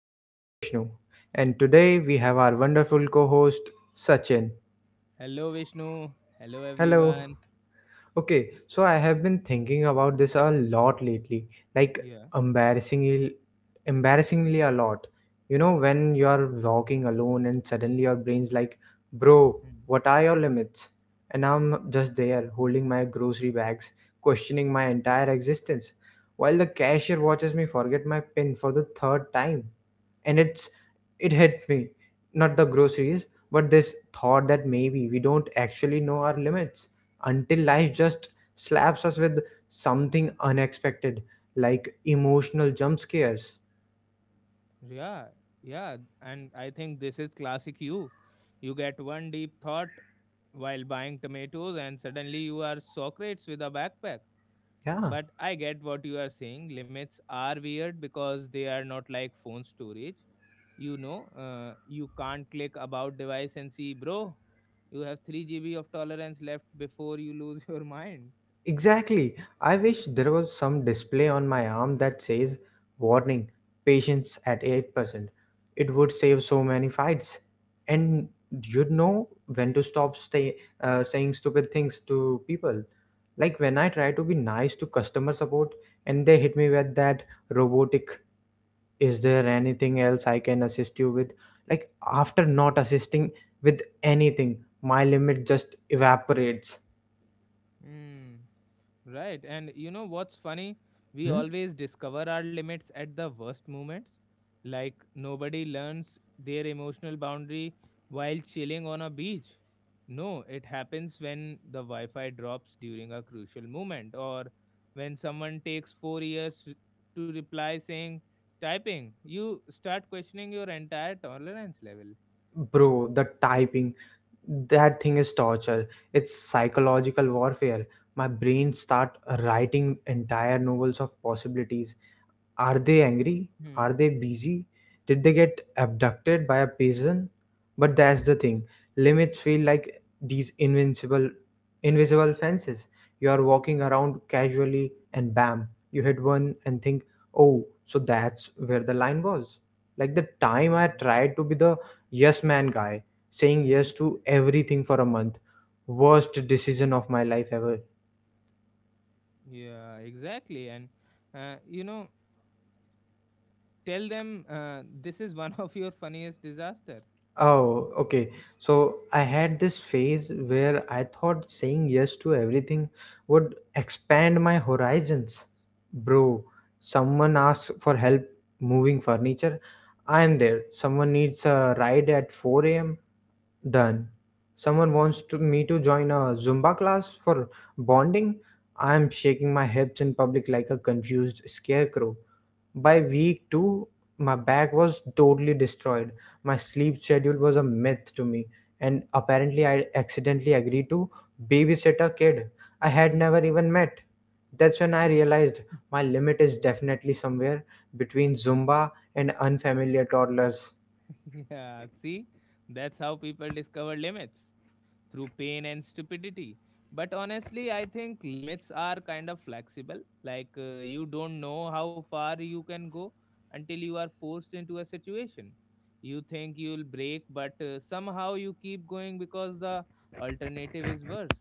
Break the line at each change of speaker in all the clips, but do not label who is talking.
This is Vishnu, and today we have our wonderful co host, Sachin.
Hello, Vishnu. Hello,
Hello.
everyone.
Okay, so I have been thinking about this a lot lately, like
Yeah.
embarrassingly, embarrassingly a lot. You know, when you are walking alone and suddenly your brain's like, bro,
Hmm.
what are your limits? And I'm just there holding my grocery bags, questioning my entire existence, while the cashier watches me forget my pin for the third time, and it hit me, not the groceries, but this thought that maybe we don't actually know our limits until life just slaps us with something unexpected, like emotional jump scares.
Yeah. Yeah, and I think this is classic you. You get one deep thought while buying tomatoes, and suddenly you are Socrates with a backpack.
Yeah.
But I get what you are saying. Limits are weird because they are not like phone storage. You know, you can't click about device and see, bro, you have 3 GB of tolerance left before you lose your mind.
Exactly. I wish there was some display on my arm that says, "Warning, patience at 8%." It would save so many fights. And you'd know when to stop saying stupid things to people. Like when I try to be nice to customer support and they hit me with that robotic, "Is there anything else I can assist you with?" Like after not assisting with anything, my limit just evaporates.
Hmm. Right. And you know what's funny? We
Hmm?
always discover our limits at the worst moments. Like nobody learns their emotional boundary while chilling on a beach. No, it happens when the Wi Fi drops during a crucial moment or when someone takes 4 years to reply saying, typing. You start questioning your entire tolerance level.
Bro, the typing, that thing is torture. It's psychological warfare. My brain start writing entire novels of possibilities. Are they angry? Are
Hmm.
they busy? Did they get abducted by a pigeon? But that's the thing. Limits feel like these invincible invisible fences. You are walking around casually and bam, you hit one and think, "Oh, so that's where the line was." Like the time I
Yeah.
tried to be the yes man guy, saying yes
Hmm.
to everything for a month. Worst decision of my life ever.
Yeah, exactly. Uh, you know, Tell them this is one of your funniest disaster.
Oh, okay. So I had this phase where I thought saying yes to everything would expand my horizons. Bro, someone asks for help moving furniture. I am there. Someone needs a ride at 4 a.m. Done. Someone wants to, me to join a Zumba class for bonding. I am shaking my hips in public like a confused scarecrow. By week two, my back was totally destroyed. My sleep schedule was a myth to me, and apparently, I accidentally agreed to babysit a kid I had
Hmm.
never even met. That's when I realized my limit is
Yeah.
definitely somewhere between Zumba and unfamiliar toddlers.
Yeah. See, that's how people discover limits through pain and stupidity. But honestly, I think limits are kind of flexible. Like you don't know how far you can go until you are forced into a situation. You think you'll break, but somehow you keep going because the alternative is worse.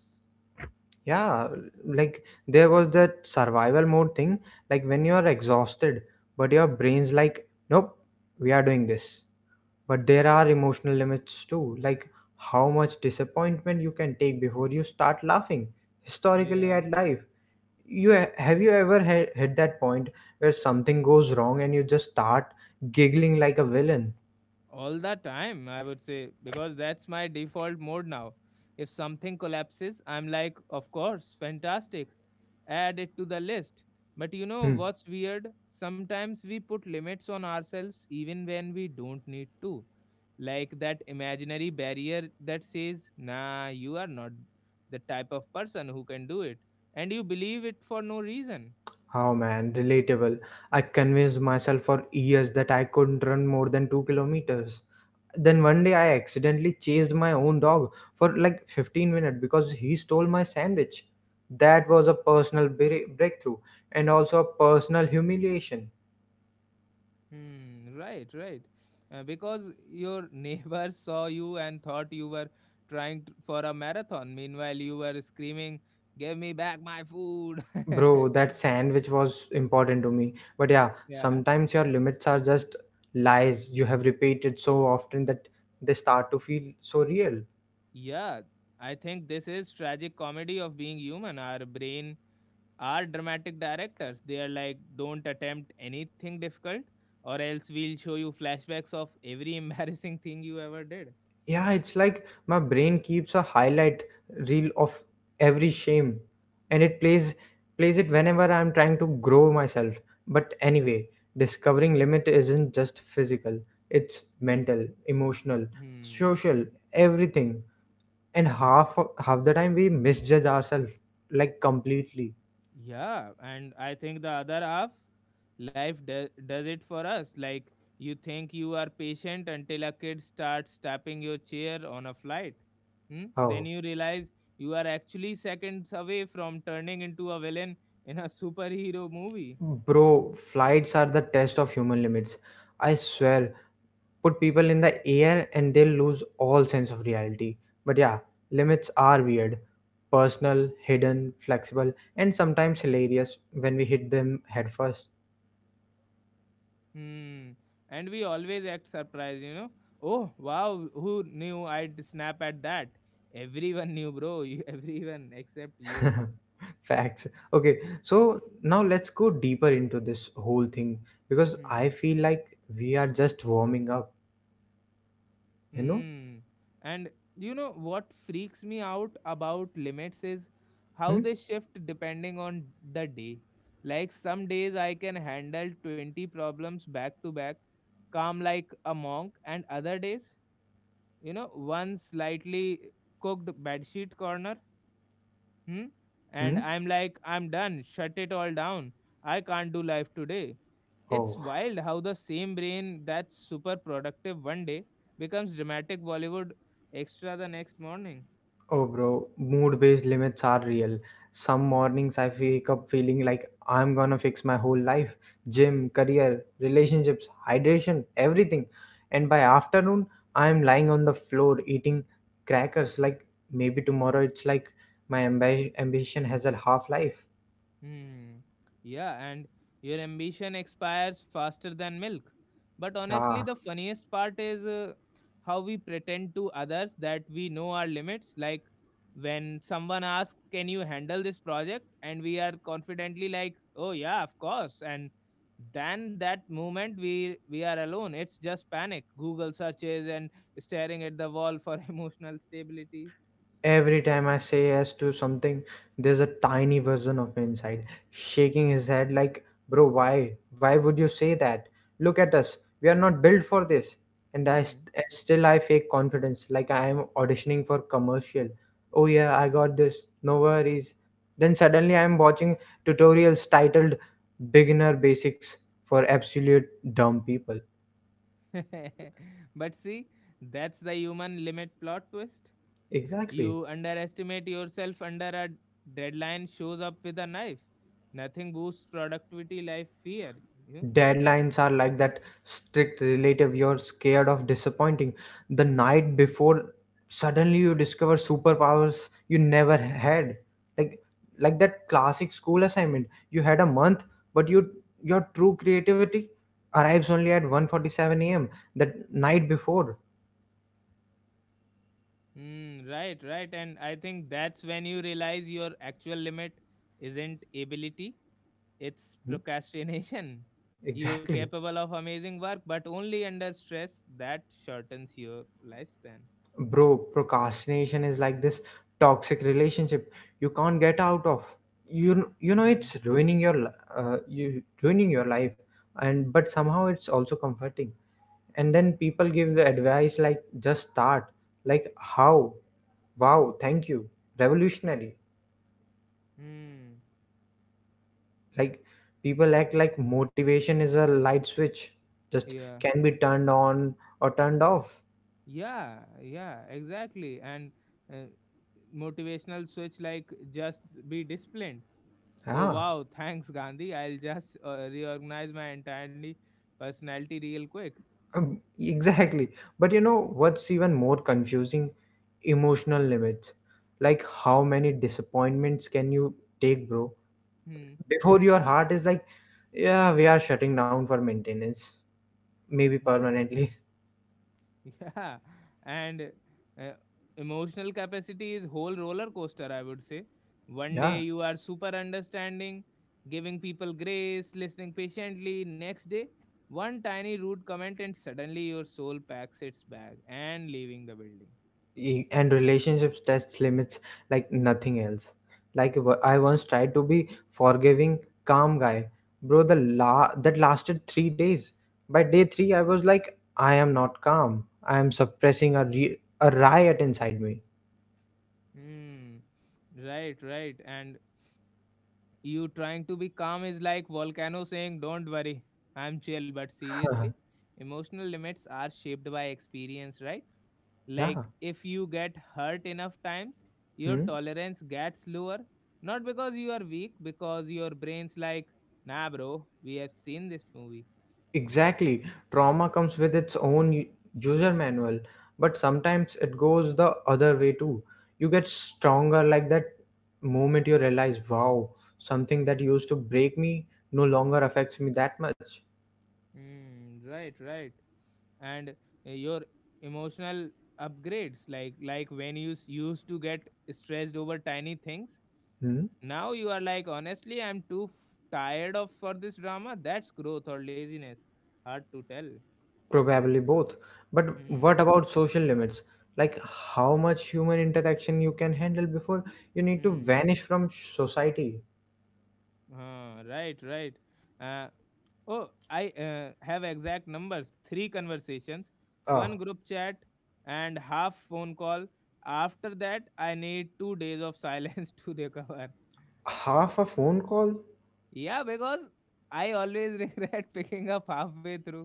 Yeah, like there was that survival mode thing, like when you are exhausted, but your brain's like, nope, we are doing this, but there are emotional limits too, like how much disappointment you can take before you start laughing historically
Yeah.
at life. You have you ever hit that point where something goes wrong and you just start giggling like a villain?
All the time, I would say, because that's my default mode now. If something collapses, I'm like, of course, fantastic. Add it to the list. But you know
Hmm.
what's weird? Sometimes we put limits on ourselves even when we don't need to. Like that imaginary barrier that says, nah, you are not the type of person who can do it. And you believe it for no reason.
Oh man, relatable. I convinced myself for years that I couldn't run more than 2 kilometers. Then
Hmm.
one day I accidentally chased my own dog for like 15 minutes because he stole my sandwich. That was a personal breakthrough and also a personal humiliation.
Hmm, right, right. Because your neighbor saw you and thought you were trying t for a marathon. Meanwhile, you were screaming, give me back my food.
Bro, that sandwich was important to me. But yeah,
Yeah.
sometimes your limits are just lies you have repeated so often that they start to feel so real.
Yeah, I think this is tragic comedy of being human. Our brain are dramatic directors. They are like, don't attempt anything difficult, or else we'll show you flashbacks of every embarrassing thing you ever did.
Yeah, it's like my brain keeps a highlight reel of every shame, and it plays it whenever I'm trying to grow myself. But anyway, discovering limit isn't just physical. It's mental, emotional,
Hmm.
social, everything. And half the time we misjudge ourselves, like completely.
Yeah, and I think the other half, life does it for us. Like you think you are patient until a kid starts tapping your chair on a flight. Hmm? Then
Oh.
you realize you are actually seconds away from turning into a villain in a superhero movie.
Bro, flights are the test of human limits. I swear, put people in the air and they'll lose all sense of reality. But yeah, limits are weird. Personal, hidden, flexible, and sometimes hilarious when we hit them headfirst.
Hmm. And we always act surprised, you know. Oh wow, who knew I'd snap at that? Everyone knew, bro. You, everyone except you.
Facts. Okay, so now let's go deeper into this whole thing because
Hmm?
I feel like we are just warming up, you know?
Hmm. And you know what freaks me out about limits is how
Hmm?
they shift depending on the day. Like some days I can handle 20 problems back to back, calm like a monk, and other days, you know, one slightly cooked bedsheet corner. Hmm? And
Hmm?
I'm like, I'm done. Shut it all down. I can't do life today. It's
Oh.
wild how the same brain that's super productive one day becomes dramatic Bollywood extra the next morning.
Oh, bro, mood based limits are real. Some mornings I wake up feeling like I'm gonna fix my whole life, gym, career, relationships, hydration, everything. And by afternoon, I'm lying on the floor eating crackers like maybe tomorrow, it's like my ambition has a half life.
Hmm. Yeah, and your ambition expires faster than milk. But honestly, the
Ah.
funniest part is how we pretend to others that we know our limits. Like when someone asks, can you handle this project? And we are confidently like, oh, yeah, of course. And then that moment we are alone it's just panic google searches and staring at the wall for emotional stability.
Every time I say yes to something, there's a tiny version of me inside, shaking his head like, "Bro, why? Why would you say that? Look at us. We are not built for this." And
Hmm.
still I fake confidence, like I am auditioning for commercial. Oh yeah, I got this. No worries. Then suddenly I am watching tutorials titled "Beginner Basics for Absolute Dumb People."
But see, that's the human limit plot twist.
Exactly.
You underestimate yourself under a deadline shows up with a knife. Nothing boosts productivity like fear. You know?
Deadlines are like that strict relative you're scared of disappointing. The night before, suddenly you discover superpowers you never had, like like that classic school assignment you had a month, but you your true creativity arrives only at 1:47 a.m. that night before.
Mm, right, right. And I think that's when you realize your actual limit isn't ability, it's
Hmm,
procrastination. You are
exactly.
capable of amazing work, but only under stress that shortens your lifespan.
Bro, procrastination is like this toxic relationship you can't get out of. You you know
Mm,
it's ruining you ruining your life, and but somehow it's also comforting. And then people give the advice like just start, like how, wow, thank you, revolutionary.
mm,
Like people act like motivation is a light switch, just
yeah.
can be turned on or turned off.
Yeah, yeah, exactly. And uh, Motivational switch like just be disciplined. Oh
Yeah.
wow, thanks Gandhi. I'll just reorganize my entirely personality real quick.
Exactly. But you know what's even more confusing? Emotional limits. Like how many disappointments can you take, bro?
Hmm.
Before your heart is like, yeah, we are shutting down for maintenance, maybe
Hmm.
permanently.
Yeah, and uh, emotional capacity is whole roller coaster, I would say. One day
Yeah.
you are super understanding, giving people grace, listening patiently. Next day, one tiny rude comment and suddenly your soul packs its bag and leaving the building.
And relationships tests limits like nothing else, like I once tried to be forgiving calm guy, bro the la that lasted 3 days. By day 3 I was like, I am not calm, I am suppressing a riot inside me.
Hmm. Right, right. And you trying to be calm is like volcano saying, "Don't worry, I'm chill." But seriously, emotional limits are shaped by experience, right?
Yeah.
Like if you get hurt enough times, your
Hmm.
tolerance gets lower. Not because you are weak, because your brain's like, nah, bro, we have seen this movie.
Exactly. Trauma comes with its own user manual, but sometimes it goes the other way too. You get stronger, like that moment you realize, wow, something that used to break me no longer affects me that much.
Hmm, right, right. And your emotional upgrades, like when you used to get stressed over tiny things,
Hmm?
now you are like honestly I'm too tired of for this drama. That's growth or laziness, hard to tell.
Probably both. But what
Hmm.
about social limits? Like how much human interaction you can handle before you need to
Hmm.
vanish from society?
Right, right. Uh, oh, I have exact numbers. Three conversations,
Ah,
one group chat, and half phone call. After that, I need 2 days of silence to recover.
half a phone call?
Yeah, because I always regret picking up halfway through.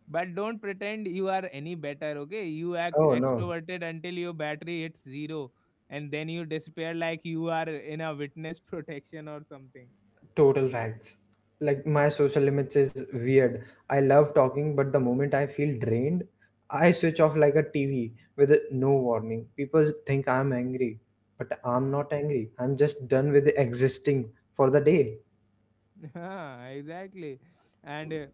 But don't pretend you are any better, okay? You act
Oh no.
extroverted until your battery hits zero, and then you disappear like you are in a witness protection or something.
Total facts. Like my social limits is weird. I love talking, but the moment I feel drained, I switch off like a TV with no warning. People think I'm angry, but I'm
Hmm.
not angry. I'm just done with existing for the day.
Yeah, exactly. And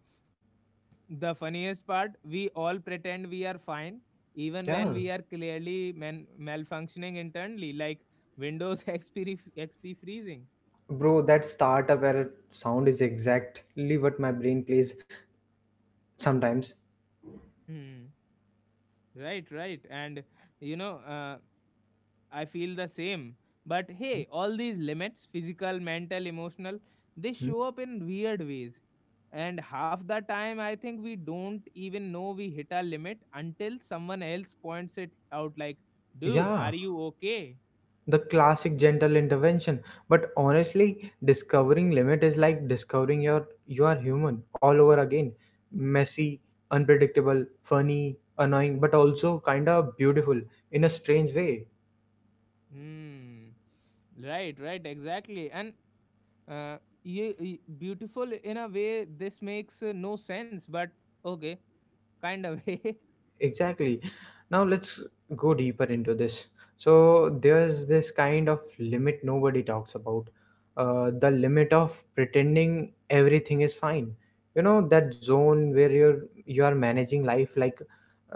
the funniest part, we all pretend we are fine, even when
Yeah.
we are clearly malfunctioning internally, like Windows XP, XP freezing.
Bro, that startup error sound is exactly what my brain plays sometimes.
Hmm. Right, right. And you know, I feel the same. But
Hmm?
hey, all these limits physical, mental, emotional they
Hmm?
show up in weird ways. And half the time, I think we don't even know we hit our limit until someone else points it out, like, dude,
Yeah.
are you okay?
The classic gentle intervention. But honestly, discovering limit is like discovering you are human all over again, messy, unpredictable, funny, annoying, but also kind of beautiful in a strange way.
Hmm. Right, right, exactly. And uh, beautiful in a way, this makes no sense, but okay, kind of way.
Exactly. Now let's go deeper into this. So there's this kind of limit nobody talks about, the limit of pretending everything is fine. You know that zone where you are managing life like,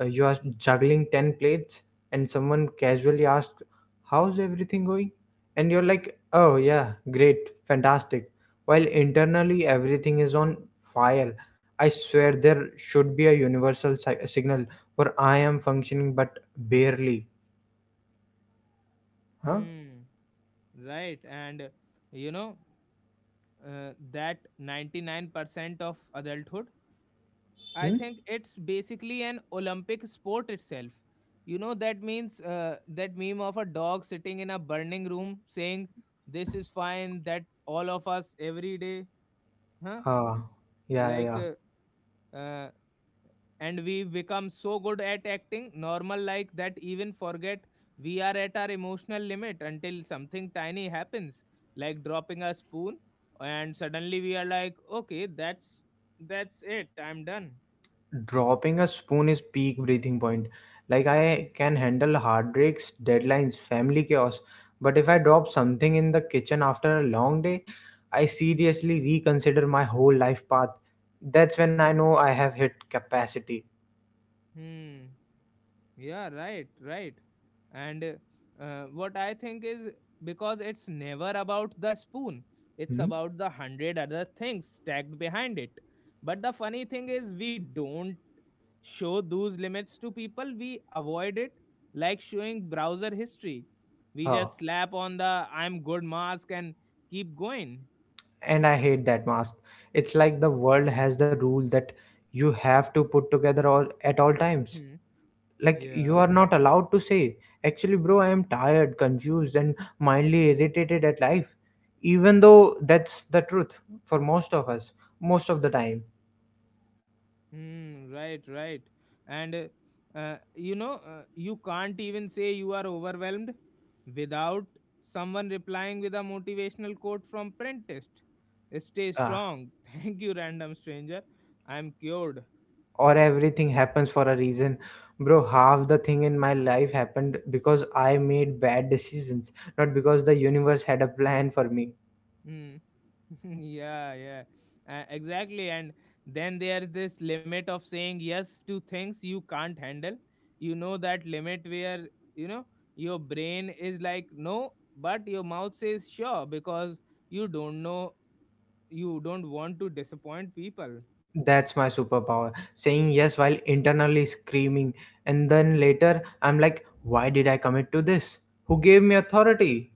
you are juggling 10 plates, and someone casually asks, "How's everything going?" And you're like, "Oh yeah, great, fantastic," while internally everything is on fire. I swear there should be a universal signal where I am functioning but barely. Huh?
Hmm. Right. And you know that 99% of adulthood I
Hmm?
think it's basically an olympic sport itself. You know that means that meme of a dog sitting in a burning room saying this is fine, that all of us every day. Huh?
Ah, yeah,
like
yeah.
uh, uh, and we've become so good at acting normal like that even forget we are at our emotional limit until something tiny happens, like dropping a spoon, and suddenly we are like okay that's it, I'm done.
Dropping a spoon is peak breathing point. Like I can handle heartbreaks, deadlines, family chaos, but if I drop something in the kitchen after a long day, I seriously reconsider my whole life path. That's when I know I have hit capacity.
Hmm. Yeah, right, right. and what I think is Because it's never about the spoon, it's
Hmm?
about the hundred other things stacked behind it. But the funny thing is we don't show those limits to people, we avoid it like showing browser history. We
Oh.
just slap on the I'm good mask and keep going.
And I hate that mask. It's like the world has the rule that you have to put together all at all times,
Hmm.
like you
Yeah.
are not allowed to say, actually bro, I am tired, confused, and mildly irritated at life, even though that's the truth for most of us most of the time.
Hmm. Right, right. You can't even say you are overwhelmed without someone replying with a motivational quote from Printist. Stay
Uh,
strong. Thank you, random stranger. I'm cured.
or everything happens for a reason. Bro, half the thing in my life happened because I made bad decisions, not because the universe had a plan for me.
Hmm. Yeah, yeah, exactly. And then there's this limit of saying yes to things you can't handle. You know that limit where you know your brain is like no, but your mouth says sure because you don't know, you don't want to disappoint people.
That's my superpower, saying yes while internally screaming. And then later I'm like, why did I commit to this? Who gave me authority?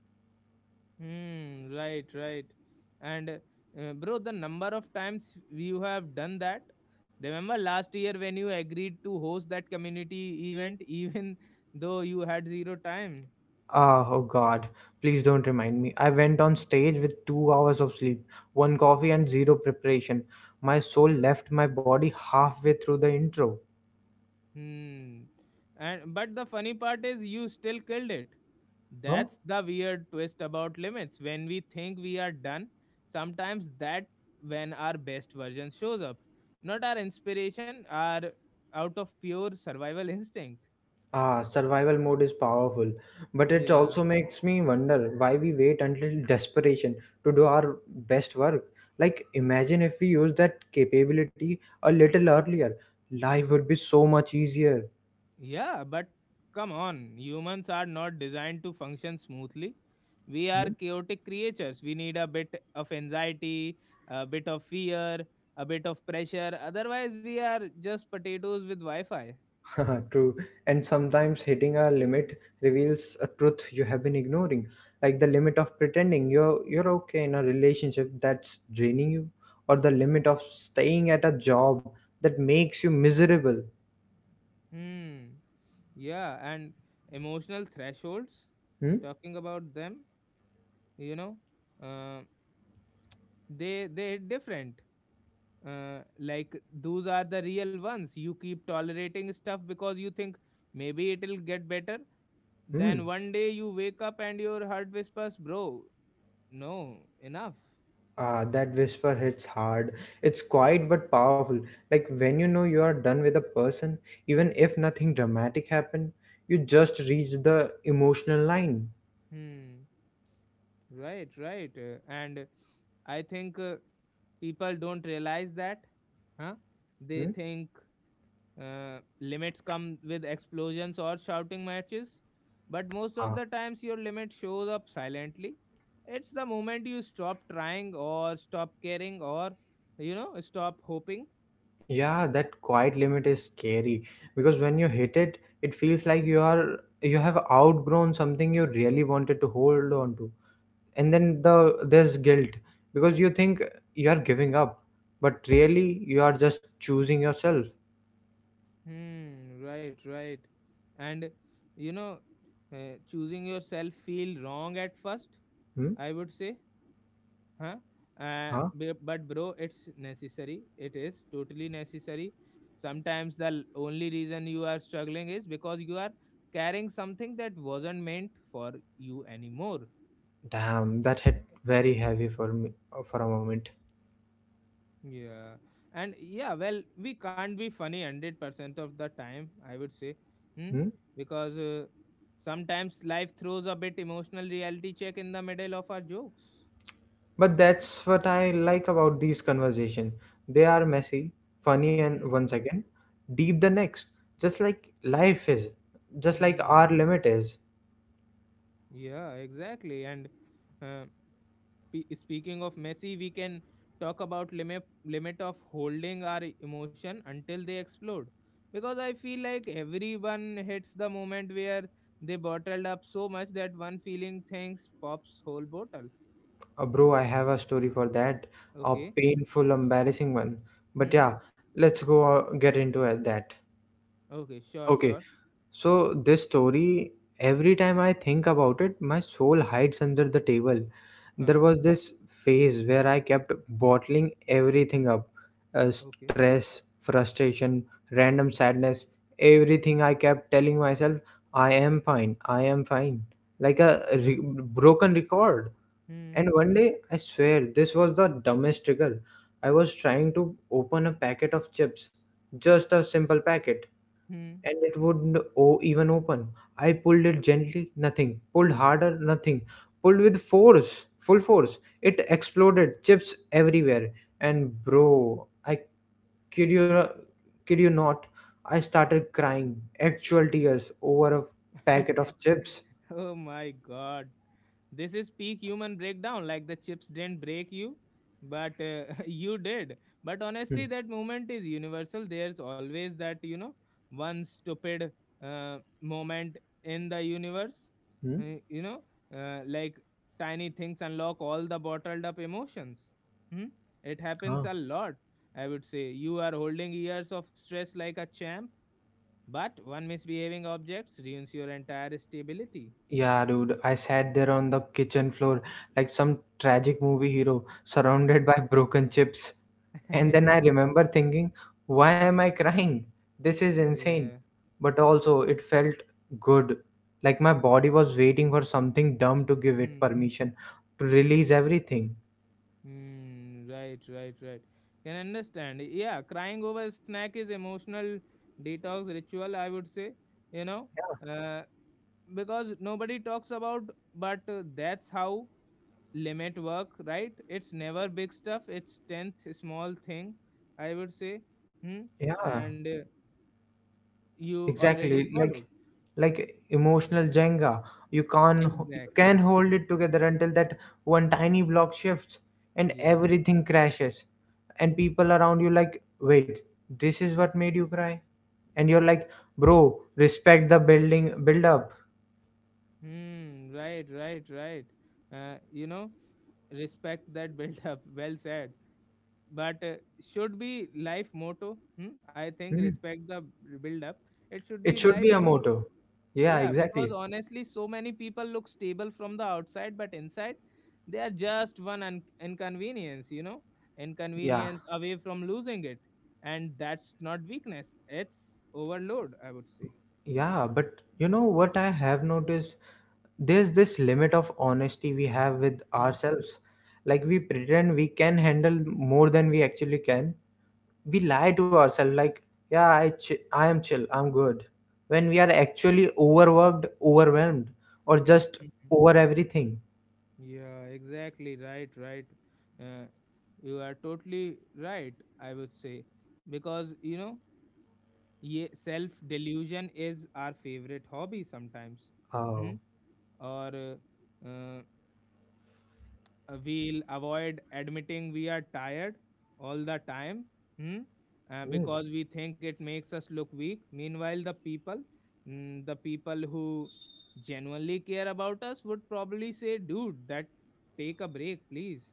Hmm. Right. Right. And bro, the number of times you have done that. Remember last year when you agreed to host that community event, even though you had zero time.
Ah, oh God, please don't remind me. I went on stage with 2 hours of sleep, one coffee, and zero preparation. My soul left my body halfway through the intro.
Hmm. And but the funny part is you still killed it.
Huh?
That's the weird twist about limits. When we think we are done, sometimes that when our best version shows up. Not our inspiration, our out of pure survival instinct.
Ah, survival mode is powerful, but it
Yeah.
also makes me wonder why we wait until desperation to do our best work. Like, imagine if we used that capability a little earlier, life would be so much easier.
Yeah, but come on, humans are not designed to function smoothly. We are
Hmm?
chaotic creatures. We need a bit of anxiety, a bit of fear, a bit of pressure. Otherwise, we are just potatoes with Wi Fi.
True. And sometimes hitting a limit reveals a truth you have been ignoring, like the limit of pretending you're okay in a relationship that's draining you, or the limit of staying at a job that makes you miserable.
Hmm. Yeah, and emotional thresholds,
Hmm?
talking about them, you know, uh, they hit different. Like those are the real ones, you keep tolerating stuff because you think maybe it'll get better,
Hmm.
then one day you wake up and your heart whispers bro, no, enough.
Ah, that whisper hits hard. It's quiet but powerful. Like when you know you are done with a person, even if nothing dramatic happened, you just reach the emotional line.
Hmm, right, right. And I think People don't realize that. Huh? They
Hmm?
think limits come with explosions or shouting matches, but most of the times your limit shows up silently. It's the moment you stop trying or stop caring or you know stop hoping.
Yeah, that quiet limit is scary because when you hit it, it feels like you have outgrown something you really wanted to hold on to. And then there's guilt because you think you are giving up, but really you are just choosing yourself.
Hmm, right, right. And you know, choosing yourself feel wrong at first,
Hmm?
I would say. Huh? Uh,
Huh?
bu- but bro, it's necessary. It is totally necessary. Sometimes the only reason you are struggling is because you are carrying something that wasn't meant for you anymore.
Damn, that hit very heavy for me for a moment.
Yeah, and yeah, well, we can't be funny 100% of the time, I would say. Hmm?
Hmm?
Because sometimes life throws a bit emotional reality check in the middle of our jokes.
But that's what I like about these conversations. They are messy, funny and
Hmm.
one second, deep the next. Just like life is, just like our
Hmm.
limit is.
Yeah, exactly, and. Uh, Speaking of Messi, we can talk about limit of holding our emotion until they explode. Because I feel like everyone hits the moment where they bottled up so much that one feeling thinks pops whole bottle.
Bro, I have a story for that, a
Okay.
painful, embarrassing one. But
Hmm.
yeah, let's go get into that.
Okay. Sure.
Okay.
Sure.
So, this story, every time I think about it, my soul hides under the table. There
Huh.
was this phase where I kept bottling everything up,
Okay.
stress, frustration, random sadness, everything. I kept telling myself, I am fine, like a broken record.
Hmm.
And one day, I swear, this was the dumbest trigger. I was trying to open a packet of chips, just a simple packet,
Hmm.
and it wouldn't even open. I pulled it gently, nothing. Pulled harder, nothing. Pulled with force, full force. It exploded, chips everywhere. And bro, I kid you, not- kid you not, I started crying, actual tears over a packet of chips.
Oh my god. This is peak human breakdown, like the chips didn't break you, but you did. But
Hmm.
honestly, that moment is universal. There's always that one stupid moment in the universe,
Hmm?
uh, you know, like tiny things unlock all the bottled up emotions. Hmm? It
Huh.
happens a lot, I would say. You are holding years of stress like a champ, but one misbehaving objects ruins your entire stability.
Yeah, dude, I sat there on the kitchen floor like some tragic movie hero surrounded
Hmm.
by broken chips. And then I remember thinking, why am I crying? This is insane.
Yeah.
But also, it felt good. Like my body was waiting for something dumb to give it
Hmm.
permission to release everything.
Hmm. Right, right, right. Can understand. Yeah, crying over a snack is emotional detox ritual, I would say, you know,
Yeah.
uh, because nobody talks about, but that's how limit work, right? It's never big stuff. It's 10th small thing, I would say. Hmm.
Yeah.
And you already
Exactly, like
swallowed.
like emotional Jenga. You can't ho- You can
Exactly.
hold it together until that one tiny block shifts and
Yeah.
everything crashes. And people around you like, wait, this is what made you cry? And you're like, bro, respect the build up.
Hmm. Right, right, right. Uh, you know, respect that built up. Well said. But should be life motto, hmm? I think
Hmm.
respect the build up, it should be
It should be
life
a
motto.
motto. Yeah,
Yeah, because
exactly.
honestly so many people look stable from the outside, but inside they are just one inconvenience,
Yeah.
inconvenience away from losing it, and that's not weakness, it's overload, I would say.
Yeah, but you know what I have noticed? There's this limit of honesty we have with
Mhm,
ourselves. Like we pretend we can handle more than we actually can. We lie to ourselves like, yeah, I am chill, I'm good. When we are actually overworked, overwhelmed, or just
mhm.
over everything.
Yeah, exactly, right, right. uh, you are totally right, I would say, because. Yeah, self delusion is our favorite hobby sometimes. Hmm.
Oh.
And we'll avoid admitting we are tired all the time. Hmm.
Hmm.
Because we think it makes us look weak. Meanwhile, the people who genuinely care about us would probably say, "Dude, that take a break, please."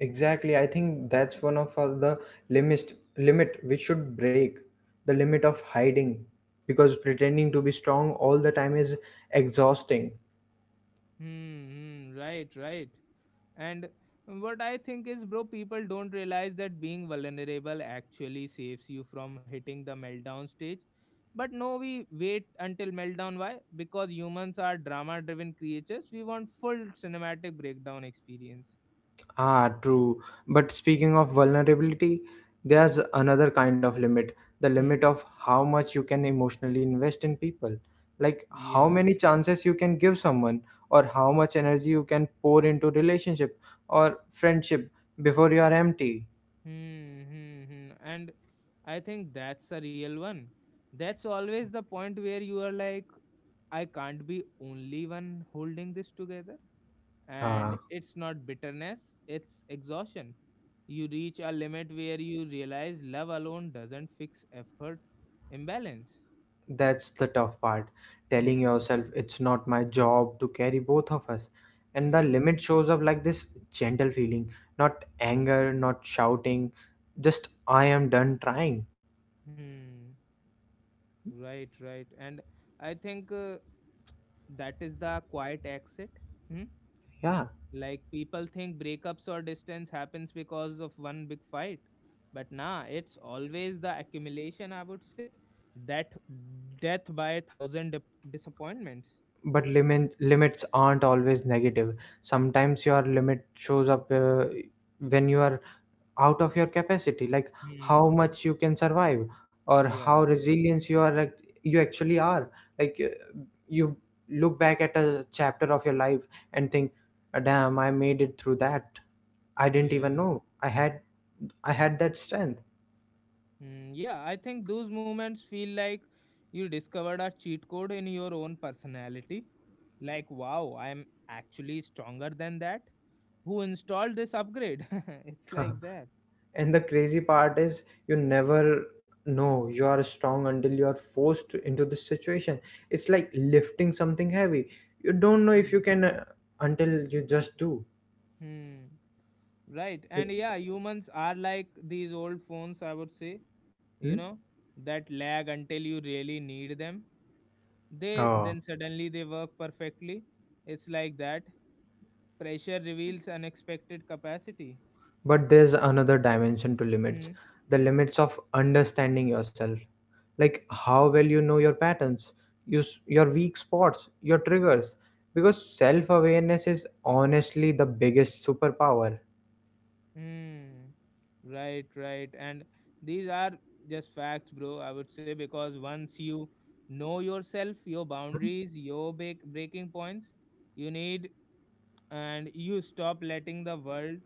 Exactly. I think that's one of the limit we should break, the limit of hiding, because pretending to be strong all the time is exhausting.
Hmm. Hmm, right. Right. And what I think is, bro, people don't realize that being vulnerable actually saves you from hitting the meltdown stage. But no, we wait until meltdown. Why? Because humans are drama driven creatures. We want full cinematic breakdown experience.
Ah, true. But speaking of vulnerability, there's another kind of limit, the
Hmm.
limit of how much you can emotionally invest in people. Like how
Yeah.
many chances you can give someone, or how much energy you can pour into relationship or friendship before you are empty.
Hmm, hmm, hmm. And I think that's a real one. That's always the point where you are like, I can't be only one holding this together, and
Ah,
it's not bitterness, it's exhaustion. You reach a limit where you realize love alone doesn't fix effort imbalance.
that's the tough part. Telling
Hmm.
yourself it's not my job to carry both of us. And the
Yeah.
limit shows up like this gentle feeling, not anger, not shouting, just I am done trying.
Hmm. Right, right. And I think that is the quiet exit. Hmm?
Yeah.
Like people think breakups or distance happens because of one big fight. But nah, it's always the accumulation, I would say, that death by a thousand disappointments.
But limits aren't always negative. Sometimes your limit shows up when you are out of your capacity, like
Hmm.
how much you can survive or how
Yeah.
resilient you actually are, like you look back at a chapter of your life and think, "Ah, damn, I made it through that. I didn't even
Yeah.
know I had that strength."
Mm, yeah, I think those moments feel like you discovered a cheat code in your own personality. Like, wow, I'm actually stronger than that. Who installed this upgrade? It's like that.
And the crazy part is you never know you are strong until you are forced into this situation. It's like lifting something heavy, you don't know if you
Mm.
can until you just do.
Hmm. Right.
Like,
And yeah, humans are like these old phones, I would say,
hmm?
you know, that lag until you really need them. They
Oh.
then suddenly they work perfectly. It's like that. Pressure reveals unexpected capacity.
But there's another dimension to limits,
Hmm.
the limits of understanding yourself. Like how well you know your patterns, use your weak spots, your triggers. Because self awareness is honestly the biggest superpower.
Mm, right, right. And these are just facts, bro, I would say, because once you know yourself, your boundaries, your breaking points, you need, and you stop letting the world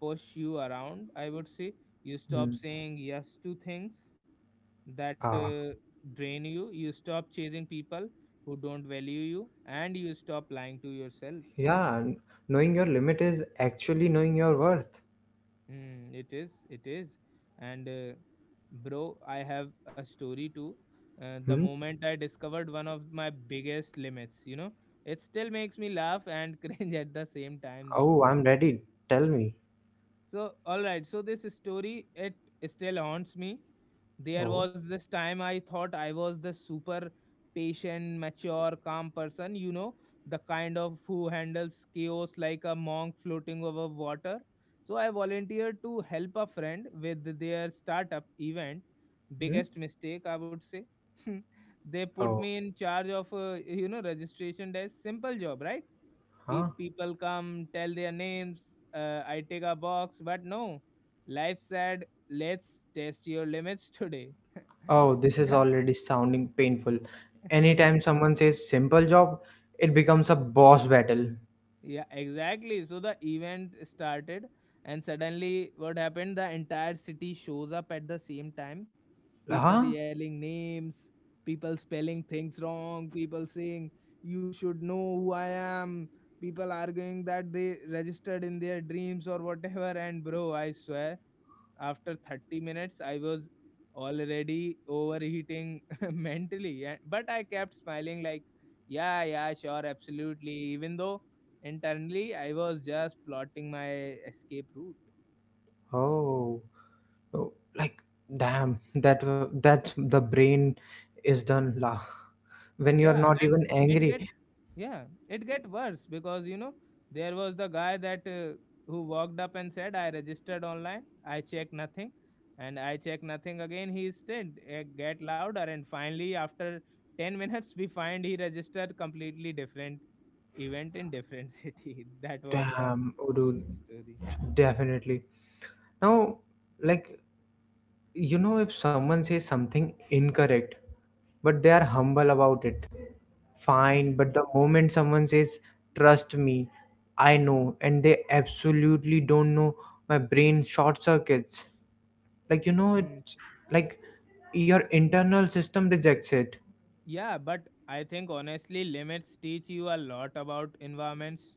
push you around, I would say. You stop
Hmm.
saying yes to things that
Ah,
drain you. You stop chasing people who don't value you, and you stop lying to yourself.
yeah, knowing your limit is actually knowing your worth.
Mm, it is, it is. And bro, I have a story too. The
Hmm?
moment I discovered one of my biggest limits, it still makes me laugh and cringe at the same time, though.
Oh, I'm ready. Tell me.
So, all right. So this story, it still haunts me. There
Oh.
was this time I thought I was the super patient, mature, calm person, you know, the kind of who handles chaos like a monk floating over water. So I volunteered to help a friend with their startup event.
Hmm?
Biggest mistake, I would say. They put
Oh.
me in charge of, registration desk. Simple job, right?
Huh?
People come, tell their names. I take a box, but no. Life said, let's test your limits today.
Oh, this is
Yeah.
already sounding painful. Anytime someone says simple job, it becomes a boss battle.
Yeah, exactly. So the event started, and suddenly, what happened? The entire city shows up at the same time. People
Huh?
yelling names, people spelling things wrong, people saying, you should know who I am. People arguing that they registered in their dreams or whatever. And bro, I swear, after 30 minutes, I was already overheating mentally. But I kept smiling, like, yeah, yeah, sure, absolutely. Even though internally, I was just plotting my escape route.
Oh, oh, like, damn, that's the brain is done. Lah. When you are
Yeah,
not
and
even
it get
angry,
Yeah, it get worse because you know, there was the guy that who walked up and said, "I registered online. I checked nothing." And I checked nothing again. He stayed. It get louder, and finally, after 10 minutes, we find he registered completely different event in different city. That was the
damn, oh, dude,
whole story.
definitely. Now, like, if someone says something incorrect, but they are humble about it,
Hmm,
fine, but the moment someone says, trust me, I know, and they absolutely don't know, my brain short circuits. Like,
hmm.
it's like your internal system rejects it.
Yeah, but I think honestly, limits teach you a lot about environments,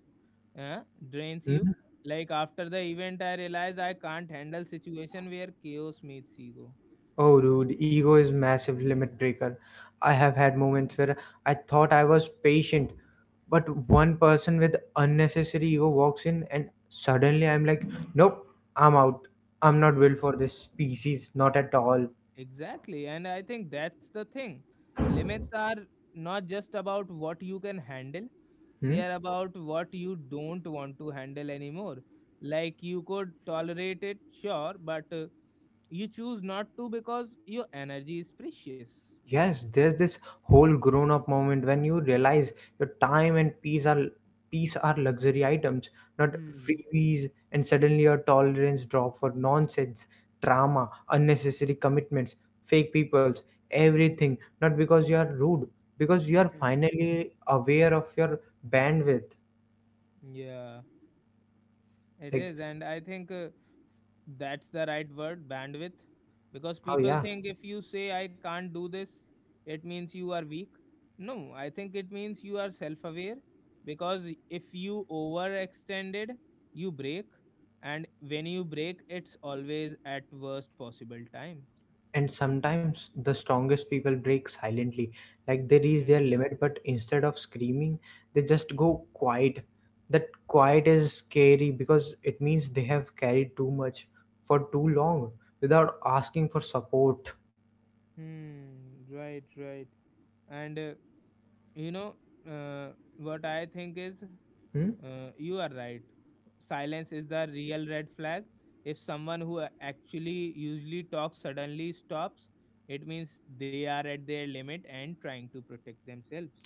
uh, drains you.
Hmm?
Like after the event, I realized I can't handle situation where chaos meets ego.
Oh, dude, ego is massive limit breaker. I have had moments where I thought I was patient, but one person with unnecessary ego walks in, and suddenly I'm like, nope, I'm out. I'm not built
Hmm.
for this species, not at all.
Exactly, and I think that's the thing. Limits are not just about what you can handle; they
Hmm?
are about what you don't want to handle anymore. Like you could tolerate it, sure, but you choose not to because your energy is precious.
Yes, there's this whole grown up moment when you realize your time and peace are luxury items, not
Hmm.
freebies, and suddenly your tolerance drop for nonsense, drama, unnecessary commitments, fake peoples, everything, not because you are rude, because you are
Mm.
finally aware of your bandwidth.
Yeah, it
Like,
is. And I think that's the right word, bandwidth, because
oh
people
yeah.
think if you say, I can't do this, it means you are weak. No, I think it means you are self aware, because if you overextended, you break. And when you break, it's always at worst possible time.
And sometimes the strongest people break silently, like they reach their
Mm.
limit but instead of screaming they just go quiet. That quiet is scary because it means they have carried too much for too long without asking for support.
Hmm. Right, right. And you know uh, what I think is,
Hmm?
You are right. Silence is the real red flag. If someone who actually usually talks suddenly stops, it means they are at their limit and trying to protect themselves.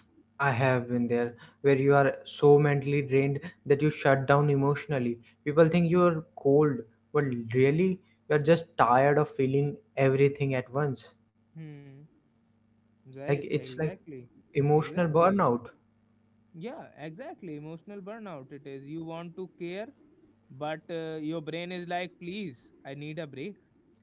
I have been there where you are so mentally drained that you shut down emotionally. People think you're cold but really you're just tired of feeling everything at once.
Hmm. Right.
Like it's like
Exactly.
emotional
Exactly.
burnout.
Yeah. Exactly. Emotional burnout. It is. You want to care, but your brain is like, please, I need a break.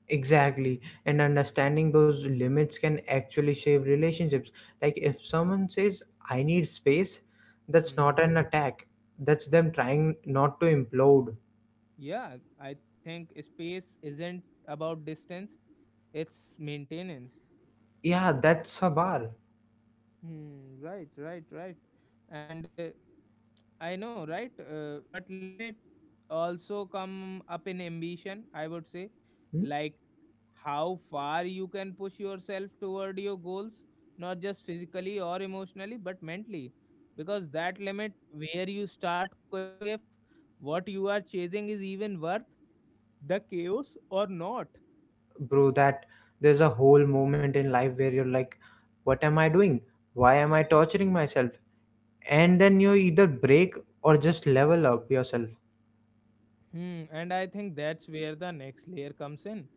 Exactly. And understanding those limits can actually save relationships. Like if someone says, I need space, that's not an
Hmm.
attack. That's them trying not to implode.
Yeah. I think space isn't about distance. It's maintenance.
Yeah, that's a bar.
Hmm, right, right, right. And I know, right? But limit also come up in ambition, I would say.
Hmm?
Like how far you can push yourself toward your goals, not just physically or emotionally, but mentally. Because that limit where you start questioning if what you are chasing is even worth the chaos or not.
Bro, that there's a whole moment in life where you're like, what am I doing? Why am I torturing myself? And then you either break or just level up yourself.
Hmm, and I think that's where the next layer comes in,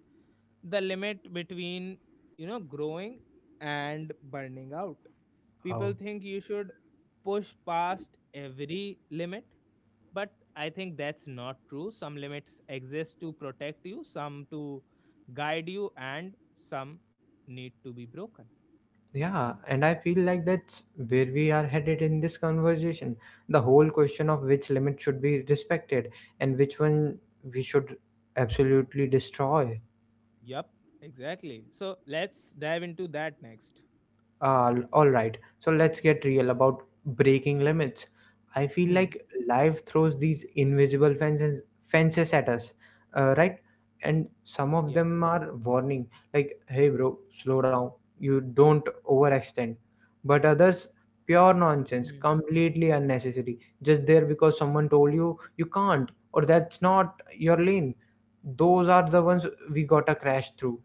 the limit between growing and burning out.
Oh.
People think you should push past every limit, but I think that's not true. Some limits exist to protect you, some to guide you, and some need to be broken.
Yeah, and I feel like that's where we are headed in this conversation. The whole question of which limit should be respected and which one we should absolutely destroy.
Yep, exactly, so let's dive into that next.
All right. So let's get real about breaking limits. I feel
Hmm,
like life throws these invisible fences at us, right? And some of
yeah.
them are warning, like, "Hey, bro, slow down. You don't overextend." But others, pure nonsense, completely unnecessary, just there because someone told you you can't or that's not your lane. Those are the ones we gotta crash through.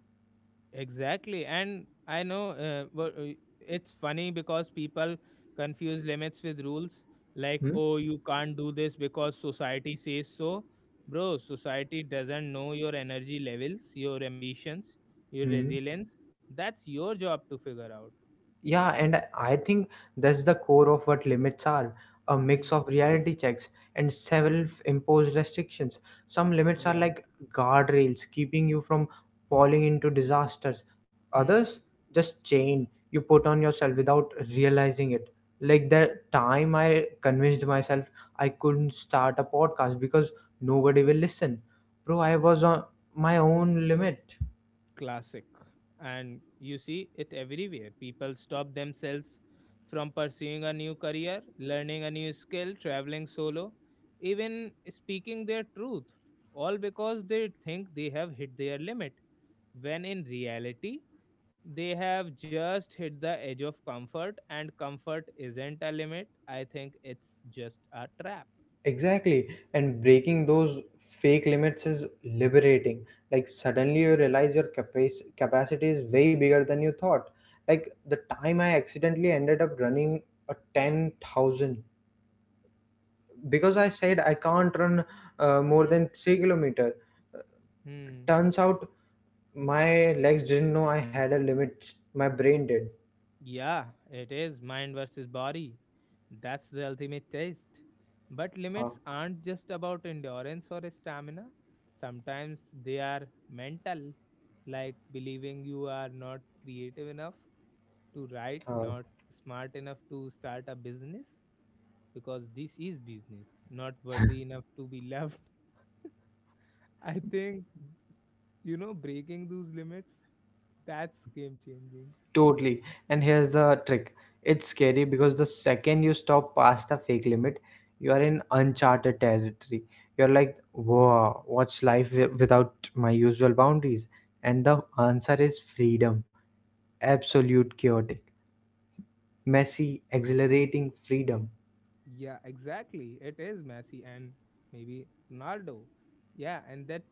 Exactly. And I know, it's funny because people confuse limits with rules, like,
Hmm?
oh, you can't do this because society says so. Bro, society doesn't know your energy levels, your ambitions, your
Hmm?
resilience. That's your job to figure out.
Yeah, and I think that's the core of what limits are, a mix
Hmm.
of reality checks and self imposed restrictions. Some limits are
Yeah.
like guardrails, keeping you from falling into disasters.
Hmm.
Others, just chain you put on yourself without realizing it. Like the time I convinced myself I couldn't start a podcast because nobody will listen. Bro, I was on my own limit.
Classic, and you see it everywhere. People stop themselves from pursuing a new career, learning a new skill, traveling solo, even speaking their truth, all because they think they have hit their limit, when in reality they have just hit the edge of comfort, and comfort isn't a limit, I think it's just a trap.
Exactly. And breaking those fake limits is liberating. Like suddenly you realize your capacity is way bigger than you thought. Like the time I accidentally ended up running a 10,000 because I said I can't run more than
Mhm.
3 kilometer. Uh,
Hmm.
Turns out my legs didn't know I had a limit. My brain did.
Yeah, it is mind versus body. That's the ultimate test. But
Uh,
limits aren't just about endurance or stamina, sometimes they are mental, like believing you are not creative enough to write,
uh.
not smart enough to start a business, because this is business, not worthy enough to be loved. I think, breaking those limits, that's game changing.
Totally. And here's the trick. It's scary because the second you stop past the fake limit, you are in uncharted territory. You're like, whoa, what's life without my usual boundaries? And the answer is freedom. Absolute chaotic, messy, exhilarating freedom.
Yeah, exactly. It is Messi and maybe Ronaldo. Yeah, and that,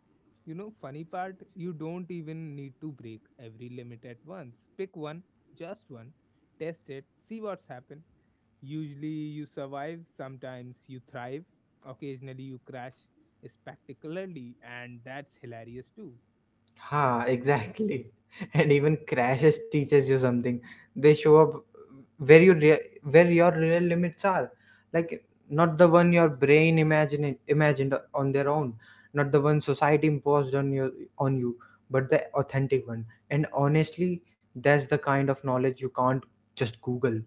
funny part, you don't even need to break every limit at once. Pick one, just one, test it, see what's happened. Usually you survive, sometimes you thrive, occasionally you crash spectacularly, and that's hilarious too.
Ha, exactly. And even crashes teaches you something. They show up where your real limits are, like not the one your brain imagined on their own, not the one society imposed on you, but the authentic one. And honestly, that's the kind of knowledge you can't just Google.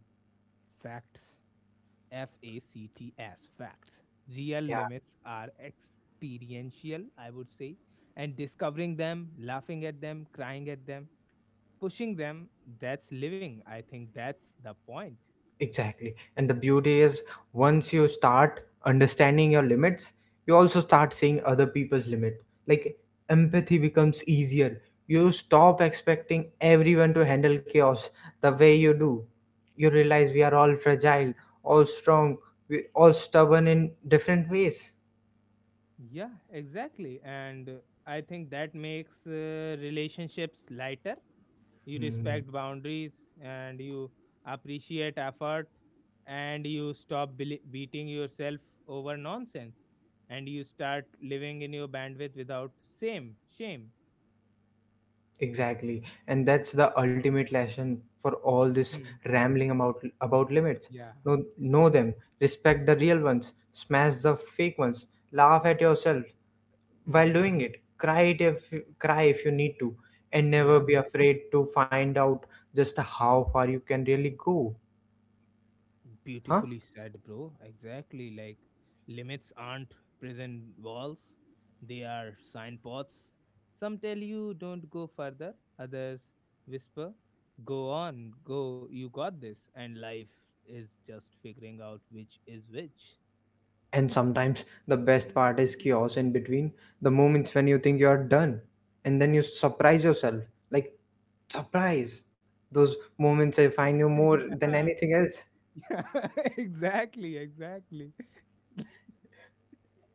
Facts. FACTS facts. Real
Yeah.
limits are experiential, I would say, and discovering them, laughing at them, crying at them, pushing them, that's living. I think that's the point.
Exactly. And the beauty is once you start understanding your limits, you also start seeing other people's limit. Like empathy becomes easier. You stop expecting everyone to handle chaos the way you do. You realize we are all fragile, all strong, we all stubborn in different ways.
Yeah, exactly. And I think that makes relationships lighter. You respect boundaries, and you appreciate effort, and you stop beating yourself over nonsense, and you start living in your bandwidth without same shame.
Exactly, and that's the ultimate lesson for all this
Hmm.
rambling about limits.
Yeah,
Know
it
know
is.
them, respect the real ones, smash the fake ones, laugh at yourself while
Hmm.
doing it, cry if you need to, and never
Yeah.
be afraid to find out just how far you can really go. Huh?
Beautifully said, bro. Exactly. Like limits aren't prison walls, they are signposts. Some tell you don't go further, others whisper, go on, go, you got this. And life is just figuring out which is which.
And sometimes the best part is chaos in between, the moments when you think you are done and then you surprise yourself. Like, surprise! Those moments define you more than
Yeah.
anything else.
Yeah, exactly, exactly.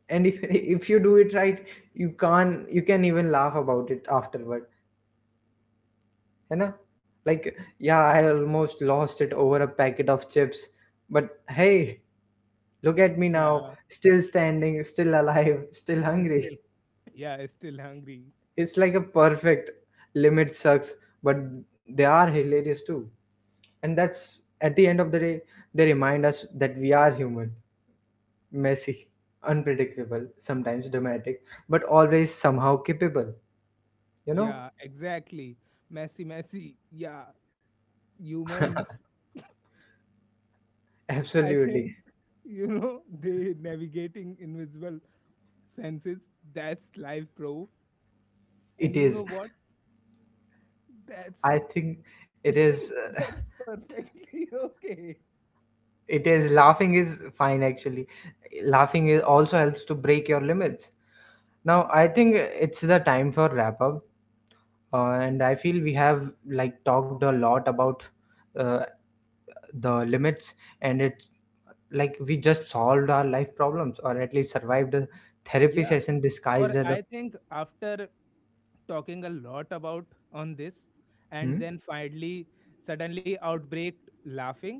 And if, if you do it right, you can't you can even laugh about it afterward. You know? Like, yeah, I almost lost it over a packet of chips. But hey, look at me now,
Yeah,
still standing, still alive, still
it's still,
hungry.
yeah, it's still hungry.
It's like a perfect limit sucks, but they are hilarious too, and that's at the end of the day they remind us that we are human, messy, unpredictable, sometimes dramatic, but always somehow capable, you know.
Yeah, exactly. Messy, messy. Yeah, humans, I think,
Absolutely.
they navigating invisible fences. That's life, bro. And
It
you
is.
know what? That's
I think it is,
that's perfectly okay.
it is laughing is fine, actually. Laughing is also helps to break your limits. Now I think it's the time for wrap up, and I feel we have like talked a lot about uh, the limits. And it's like we just solved our life problems or at least survived a therapy
Yeah,
session
or
disguised as a
I think after talking a lot about on this, and
hmm?
then finally suddenly outbreak laughing,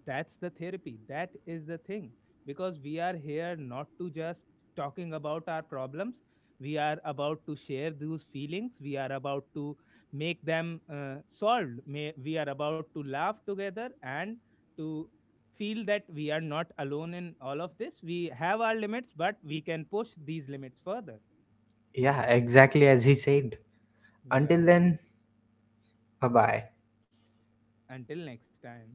that's the therapy, that is the thing, because we are here not to just talking about our problems, we are about to share those feelings, we are about to make them solved May, we are about to laugh together, and to feel that we are not alone in all of this. We have our limits, but we can push these limits further.
Yeah, exactly, as he said. Until
Yeah.
then, bye bye.
Until next time.